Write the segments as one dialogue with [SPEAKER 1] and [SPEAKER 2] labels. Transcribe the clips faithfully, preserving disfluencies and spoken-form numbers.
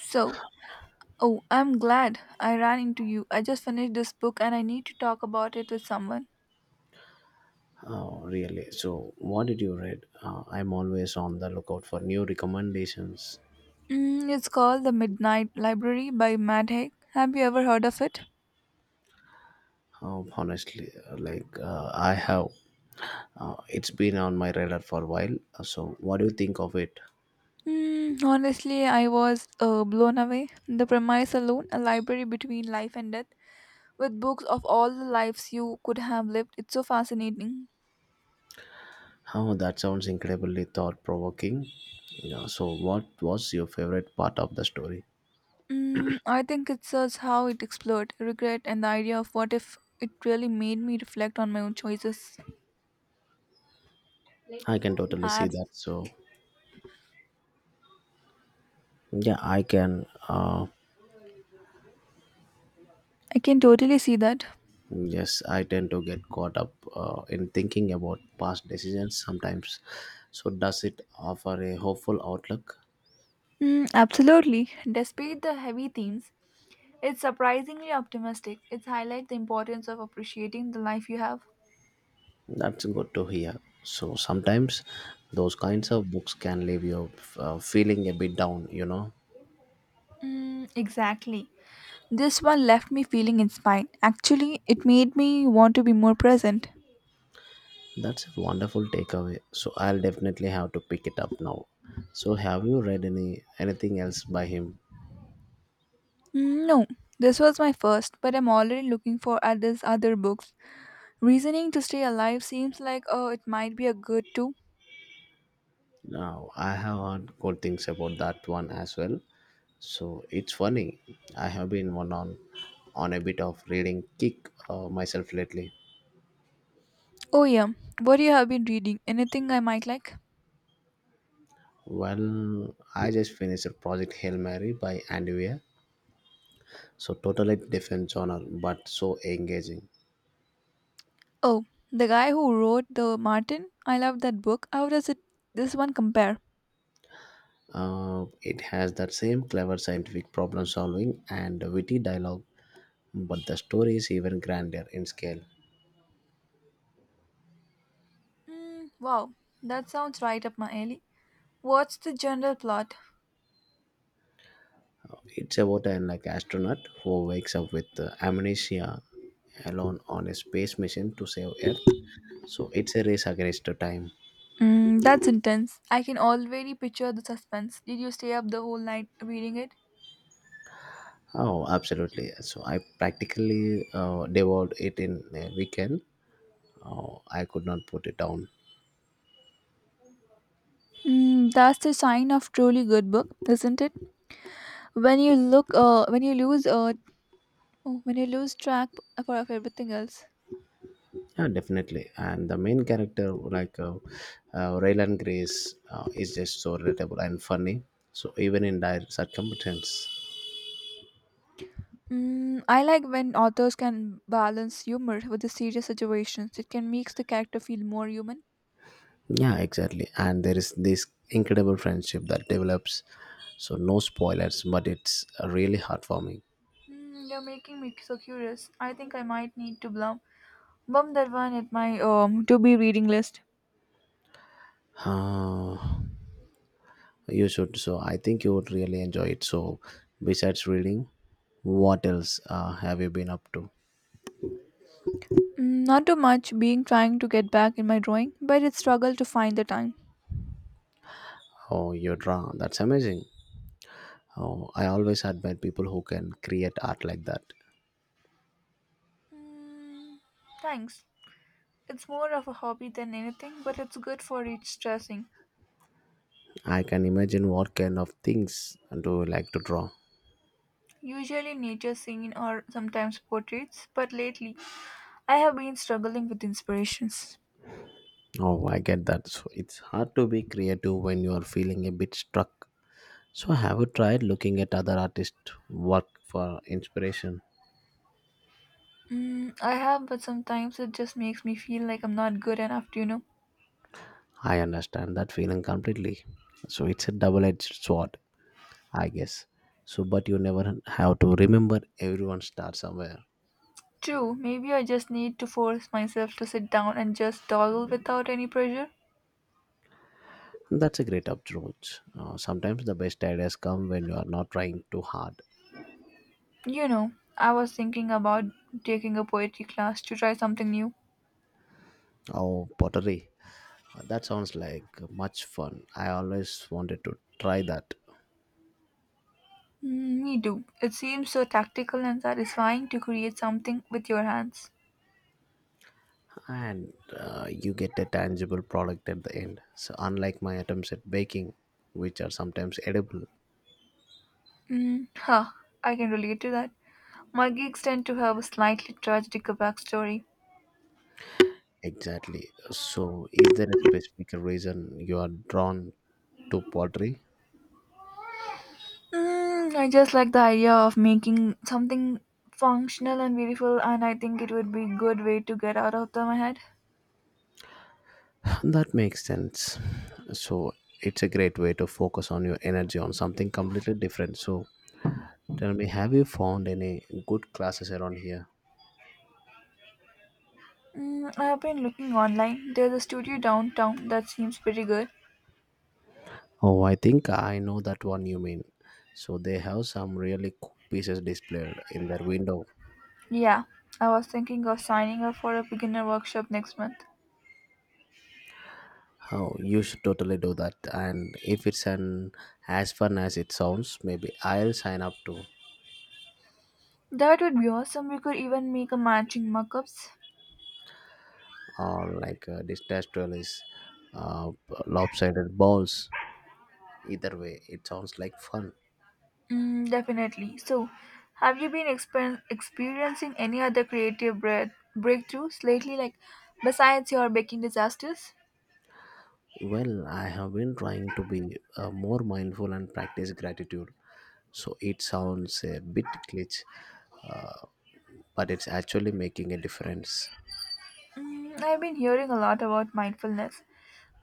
[SPEAKER 1] So, oh, I'm glad I ran into you. I just finished this book and I need to talk about it with someone.
[SPEAKER 2] Oh, really? So, what did you read? Uh, I'm always on the lookout for new recommendations.
[SPEAKER 1] Mm, it's called The Midnight Library by Matt Haig. Have you ever heard of it?
[SPEAKER 2] Oh, honestly, uh, like uh, I have, uh, it's been on my radar for a while. Uh, So, what do you think of it?
[SPEAKER 1] Mm, honestly, I was uh, blown away. The premise alone, a library between life and death, with books of all the lives you could have lived, it's so fascinating.
[SPEAKER 2] Oh, that sounds incredibly thought provoking. Yeah, so, what was your favorite part of the story?
[SPEAKER 1] Mm, I think it shows how it explored regret and the idea of what if it really made me reflect on my own choices.
[SPEAKER 2] I can totally see
[SPEAKER 1] Right.
[SPEAKER 2] that. So, yeah, I can. Uh,
[SPEAKER 1] I can totally see that.
[SPEAKER 2] Yes, I tend to get caught up uh, in thinking about past decisions sometimes. So, does it offer a hopeful outlook?
[SPEAKER 1] Mm, absolutely. Despite the heavy themes, it's surprisingly optimistic. It highlights the importance of appreciating the life you have.
[SPEAKER 2] That's good to hear. So, sometimes those kinds of books can leave you uh, feeling a bit down, you know.
[SPEAKER 1] Mm, exactly. This one left me feeling inspired. Actually, it made me want to be more present.
[SPEAKER 2] That's a wonderful takeaway. So, I'll definitely have to pick it up now. So, have you read any anything else by him?
[SPEAKER 1] Mm, no, this was my first, but I'm already looking for others other books. Reasoning to stay alive seems like oh, it might be a good too.
[SPEAKER 2] Now, I have heard good things about that one as well. So it's funny. I have been one on on a bit of reading kick uh, myself lately.
[SPEAKER 1] Oh yeah, what you have been reading? Anything I might like?
[SPEAKER 2] Well, I just finished Project Hail Mary by Andy Weir. So totally different genre, but so engaging.
[SPEAKER 1] Oh, the guy who wrote The Martin? I love that book. How does it this one compare?
[SPEAKER 2] Uh, it has that same clever scientific problem solving and witty dialogue, but the story is even grander in scale.
[SPEAKER 1] Mm, wow, that sounds right up my alley. What's the general plot?
[SPEAKER 2] It's about an like astronaut who wakes up with uh, amnesia alone on a space mission to save Earth. So it's a race against the time.
[SPEAKER 1] Mm, that's intense. I can already picture the suspense. Did you stay up the whole night reading it?
[SPEAKER 2] Oh, absolutely. So I practically uh, devoured it in a weekend. Oh, I could not put it down.
[SPEAKER 1] Mm, that's the sign of truly good book, isn't it? When you look, uh, when you lose, uh, oh, when you lose track of of everything else.
[SPEAKER 2] Yeah, definitely. And the main character, like uh, uh, Raylan Grace, uh, is just so relatable and funny. So even in dire circumstances.
[SPEAKER 1] Mm, I like when authors can balance humor with the serious situations. It can make the character feel more human.
[SPEAKER 2] Yeah, exactly. And there is this incredible friendship that develops. So no spoilers, but it's really heartwarming.
[SPEAKER 1] Mm, you're making me so curious. I think I might need to blum bump that one at my um to be reading list.
[SPEAKER 2] Uh, you should. So I think you would really enjoy it. So besides reading, what else uh, have you been up to?
[SPEAKER 1] Mm, not too much. Being trying to get back in my drawing, but it struggle to find the time.
[SPEAKER 2] Oh, your draw. That's amazing. Oh, I always admire people who can create art like that.
[SPEAKER 1] Mm, Thanks. It's more of a hobby than anything, but it's good for stressing.
[SPEAKER 2] I can imagine what kind of things do you like to draw.
[SPEAKER 1] Usually nature scene or sometimes portraits, but lately I have been struggling with inspirations.
[SPEAKER 2] Oh, I get that. So it's hard to be creative when you are feeling a bit stuck. So, have you tried looking at other artists' work for inspiration?
[SPEAKER 1] Mm, I have, but sometimes it just makes me feel like I'm not good enough, you know.
[SPEAKER 2] I understand that feeling completely. So, it's a double edged sword, I guess. So, but you never have to remember everyone starts somewhere.
[SPEAKER 1] True, maybe I just need to force myself to sit down and just dawdle without any pressure.
[SPEAKER 2] That's a great approach. Uh, sometimes the best ideas come when you are not trying too hard.
[SPEAKER 1] You know, I was thinking about taking a poetry class to try something new.
[SPEAKER 2] Oh, pottery. Uh, That sounds like much fun. I always wanted to try that.
[SPEAKER 1] Mm, me too. It seems so tactical and satisfying to create something with your hands.
[SPEAKER 2] and uh, you get a tangible product at the end. So, unlike my attempts at baking, which are sometimes edible,
[SPEAKER 1] Mm, huh, I can relate to that. My gigs tend to have a slightly tragic backstory.
[SPEAKER 2] exactly. So, is there a specific reason you are drawn to pottery?
[SPEAKER 1] Mm, I just like the idea of making something functional and beautiful, and I think it would be a good way to get out of the- my head.
[SPEAKER 2] That makes sense. So, it's a great way to focus on your energy on something completely different. So, tell me, have you found any good classes around here?
[SPEAKER 1] Mm, I have been looking online. There's a studio downtown that seems pretty good.
[SPEAKER 2] Oh, I think I know that one you mean. So, they have some really cool pieces displayed in their window.
[SPEAKER 1] Yeah, I was thinking of signing up for a beginner workshop next month.
[SPEAKER 2] Oh, you should totally do that. And if it's an as fun as it sounds, maybe I'll sign up too.
[SPEAKER 1] That would be awesome. We could even make a matching mock-ups.
[SPEAKER 2] Or like uh, this terrestrial is uh, lopsided balls. Either way, it sounds like fun.
[SPEAKER 1] Mm, definitely. So, have you been exper- experiencing any other creative breath- breakthroughs lately, like besides your baking disasters?
[SPEAKER 2] Well, I have been trying to be uh, more mindful and practice gratitude. So it sounds a bit glitch, uh, but it's actually making a difference.
[SPEAKER 1] Mm, I've been hearing a lot about mindfulness.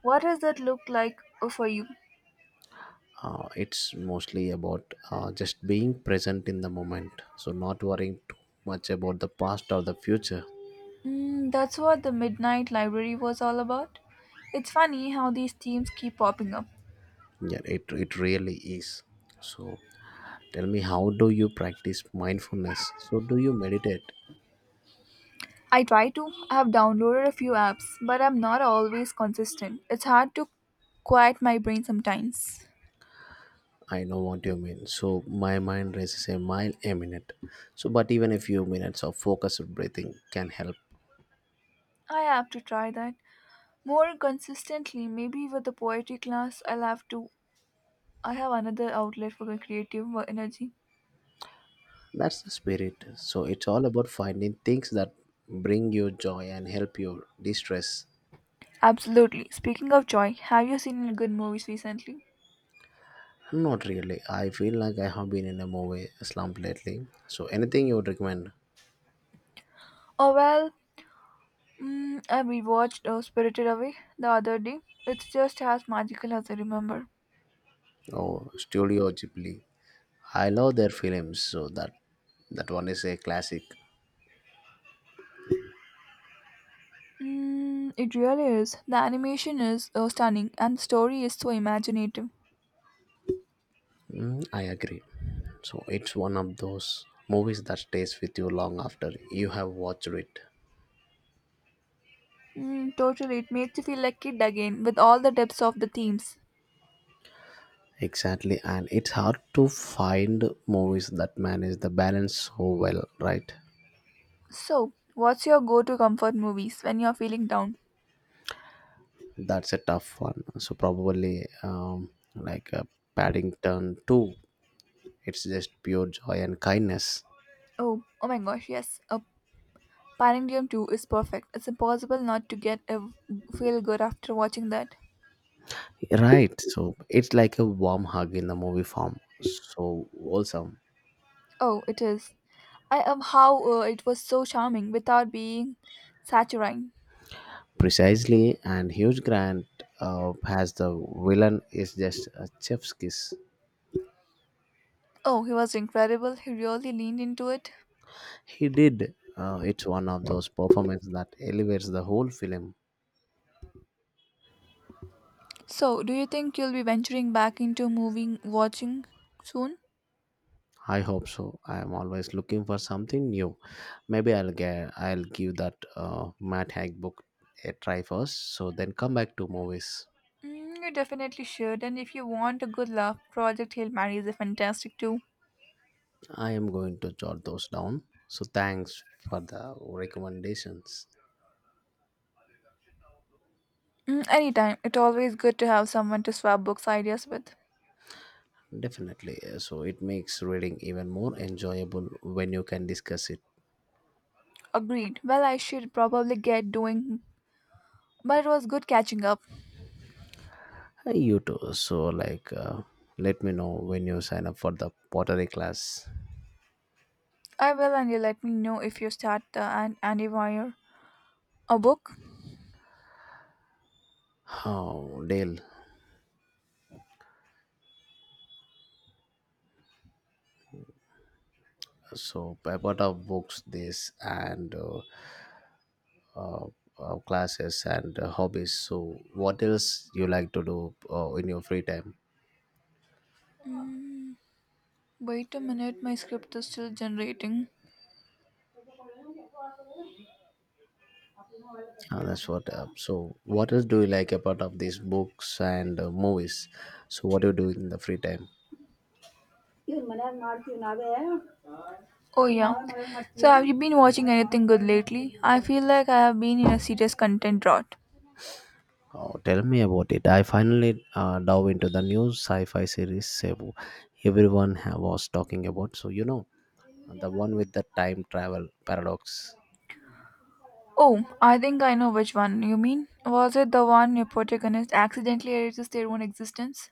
[SPEAKER 1] What does that look like for you?
[SPEAKER 2] uh, It's mostly about uh, just being present in the moment, so not worrying too much about the past or the future.
[SPEAKER 1] Mm, that's what the Midnight Library was all about. It's funny how these themes keep popping up.
[SPEAKER 2] Yeah it, it really is. So tell me, how do you practice mindfulness? So do you meditate?
[SPEAKER 1] I try to. I have downloaded a few apps, but I'm not always consistent. It's hard to quiet my brain sometimes.
[SPEAKER 2] I know what you mean. So my mind races a mile a minute. So but even a few minutes of focused breathing can help.
[SPEAKER 1] I have to try that more consistently. Maybe with the poetry class, I'll have to. I have another outlet for my creative wo- energy.
[SPEAKER 2] That's the spirit. So it's all about finding things that bring you joy and help you de-stress.
[SPEAKER 1] Absolutely. Speaking of joy, have you seen any good movies recently?
[SPEAKER 2] Not really. I feel like I have been in a movie slump lately. So anything you would recommend?
[SPEAKER 1] Oh well, Mm, I rewatched uh, Spirited Away the other day. It's just as magical as I remember.
[SPEAKER 2] Oh, Studio Ghibli. I love their films. So that that one is a classic.
[SPEAKER 1] Mm, it really is. The animation is uh, stunning and the story is so imaginative.
[SPEAKER 2] Mm, I agree. So it's one of those movies that stays with you long after you have watched it.
[SPEAKER 1] Mm, totally, it makes you feel like kid again with all the depths of the themes.
[SPEAKER 2] Exactly, and it's hard to find movies that manage the balance so well, right?
[SPEAKER 1] So, what's your go-to comfort movies when you're feeling down?
[SPEAKER 2] That's a tough one. So probably um, like a Paddington Two. It's just pure joy and kindness.
[SPEAKER 1] Oh, oh my gosh, yes. A Panadium two is perfect. It's impossible not to get a feel good after watching that.
[SPEAKER 2] Right. So it's like a warm hug in the movie form. So wholesome.
[SPEAKER 1] Oh, it is. I love how uh, it was so charming without being saturnine.
[SPEAKER 2] Precisely. And Hugh Grant uh, has the villain is just a chef's kiss.
[SPEAKER 1] Oh, he was incredible. He really leaned into it.
[SPEAKER 2] He did. Uh, it's one of those performances that elevates the whole film.
[SPEAKER 1] So, do you think you'll be venturing back into moving watching soon?
[SPEAKER 2] I hope so. I am always looking for something new. Maybe I'll get. I'll give that uh, Matt Haig book a try first. So then come back to movies.
[SPEAKER 1] Mm, you definitely should. And if you want a good laugh, Project Hail Mary is a fantastic too.
[SPEAKER 2] I am going to jot those down. So thanks for the recommendations.
[SPEAKER 1] Mm, anytime. It's always good to have someone to swap books ideas with.
[SPEAKER 2] Definitely. uh, So it makes reading even more enjoyable when you can discuss it.
[SPEAKER 1] Agreed. Well, I should probably get doing, but it was good catching up.
[SPEAKER 2] Hey, you too. So like, uh, let me know when you sign up for the pottery class.
[SPEAKER 1] I will, and you let me know if you start the An- Andy Wire. A book?
[SPEAKER 2] Oh, Dale. So a lot of books, this and uh, uh, uh, classes and uh, hobbies. So what else you like to do uh, in your free time?
[SPEAKER 1] Hmm, wait a minute, my script is still generating.
[SPEAKER 2] Uh, that's what. Uh, so, what else do you like apart of these books and uh, movies? So, what do you do in the free time?
[SPEAKER 1] Oh, yeah. So, have you been watching anything good lately? I feel like I have been in a serious content drought.
[SPEAKER 2] Oh, tell me about it. I finally uh, dove into the new sci-fi series Cebu. Everyone ha- was talking about. So, you know, the one with the time travel paradox.
[SPEAKER 1] Oh, I think I know which one you mean. Was it the one your protagonist accidentally erases their own existence?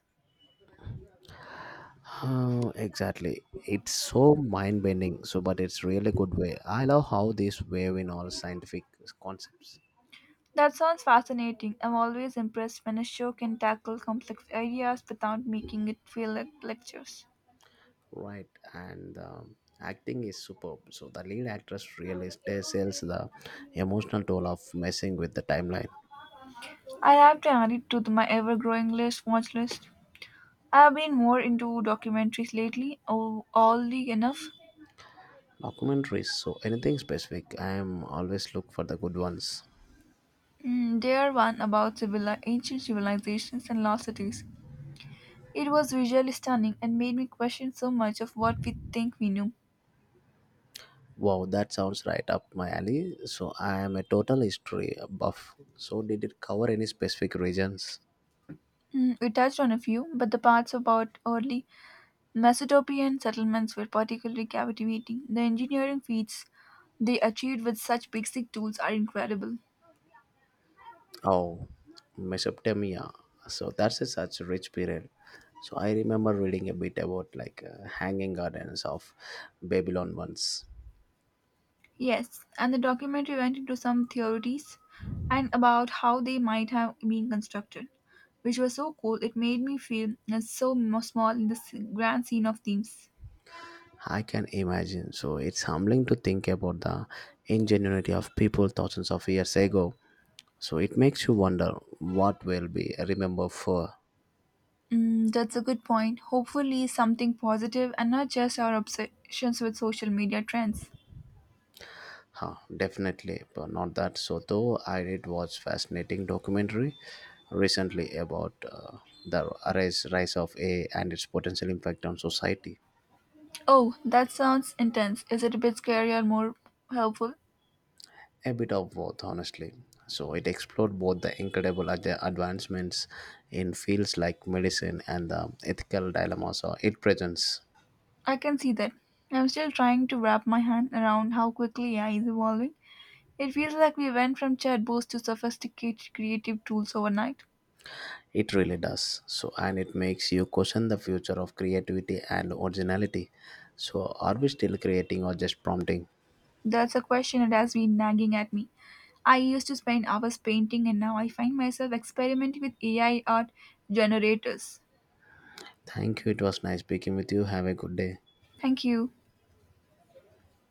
[SPEAKER 2] Oh, exactly. It's so mind-bending. So, but it's really good way. I love how this wave in all scientific concepts.
[SPEAKER 1] That sounds fascinating. I'm always impressed when a show can tackle complex ideas without making it feel like lectures.
[SPEAKER 2] Right, and the acting is superb. So the lead actress really sells the emotional toll of messing with the timeline.
[SPEAKER 1] I'll have to add it to the- my ever growing list watch list. I've been more into documentaries lately, oh, oddly enough.
[SPEAKER 2] Documentaries, so anything specific? I am always look for the good ones.
[SPEAKER 1] Mm, there one about civili- ancient civilizations and lost cities. It was visually stunning and made me question so much of what we think we knew.
[SPEAKER 2] Wow, that sounds right up my alley. So I am a total history buff. So did it cover any specific regions?
[SPEAKER 1] Mm, we touched on a few, but the parts about early Mesopotamian settlements were particularly captivating. The engineering feats they achieved with such basic tools are incredible.
[SPEAKER 2] Oh, Mesopotamia. So that's a such a rich period. So I remember reading a bit about like uh, hanging gardens of Babylon once.
[SPEAKER 1] Yes, and the documentary went into some theories and about how they might have been constructed, which was so cool. It made me feel it's so m- small in the s- grand scene of things.
[SPEAKER 2] I can imagine. So it's humbling to think about the ingenuity of people thousands of years ago. So it makes you wonder what will be remembered for.
[SPEAKER 1] Mm, that's a good point. Hopefully, something positive and not just our obsessions with social media trends.
[SPEAKER 2] Huh, definitely, but not that. So though I did watch fascinating documentary recently about uh, the rise, rise of A I and its potential impact on society.
[SPEAKER 1] Oh, that sounds intense. Is it a bit scary or more helpful?
[SPEAKER 2] A bit of both, honestly. So it explored both the incredible ad- advancements in fields like medicine and the ethical dilemmas or it presents.
[SPEAKER 1] I can see that. I'm still trying to wrap my hand around how quickly A I is evolving. It feels like we went from chatbots to sophisticated creative tools overnight.
[SPEAKER 2] It really does. So and it makes you question the future of creativity and originality. So are we still creating or just prompting?
[SPEAKER 1] That's a question that has been nagging at me. I used to spend hours painting, and now I find myself experimenting with A I art generators.
[SPEAKER 2] Thank you, it was nice speaking with you. Have a good day.
[SPEAKER 1] Thank you.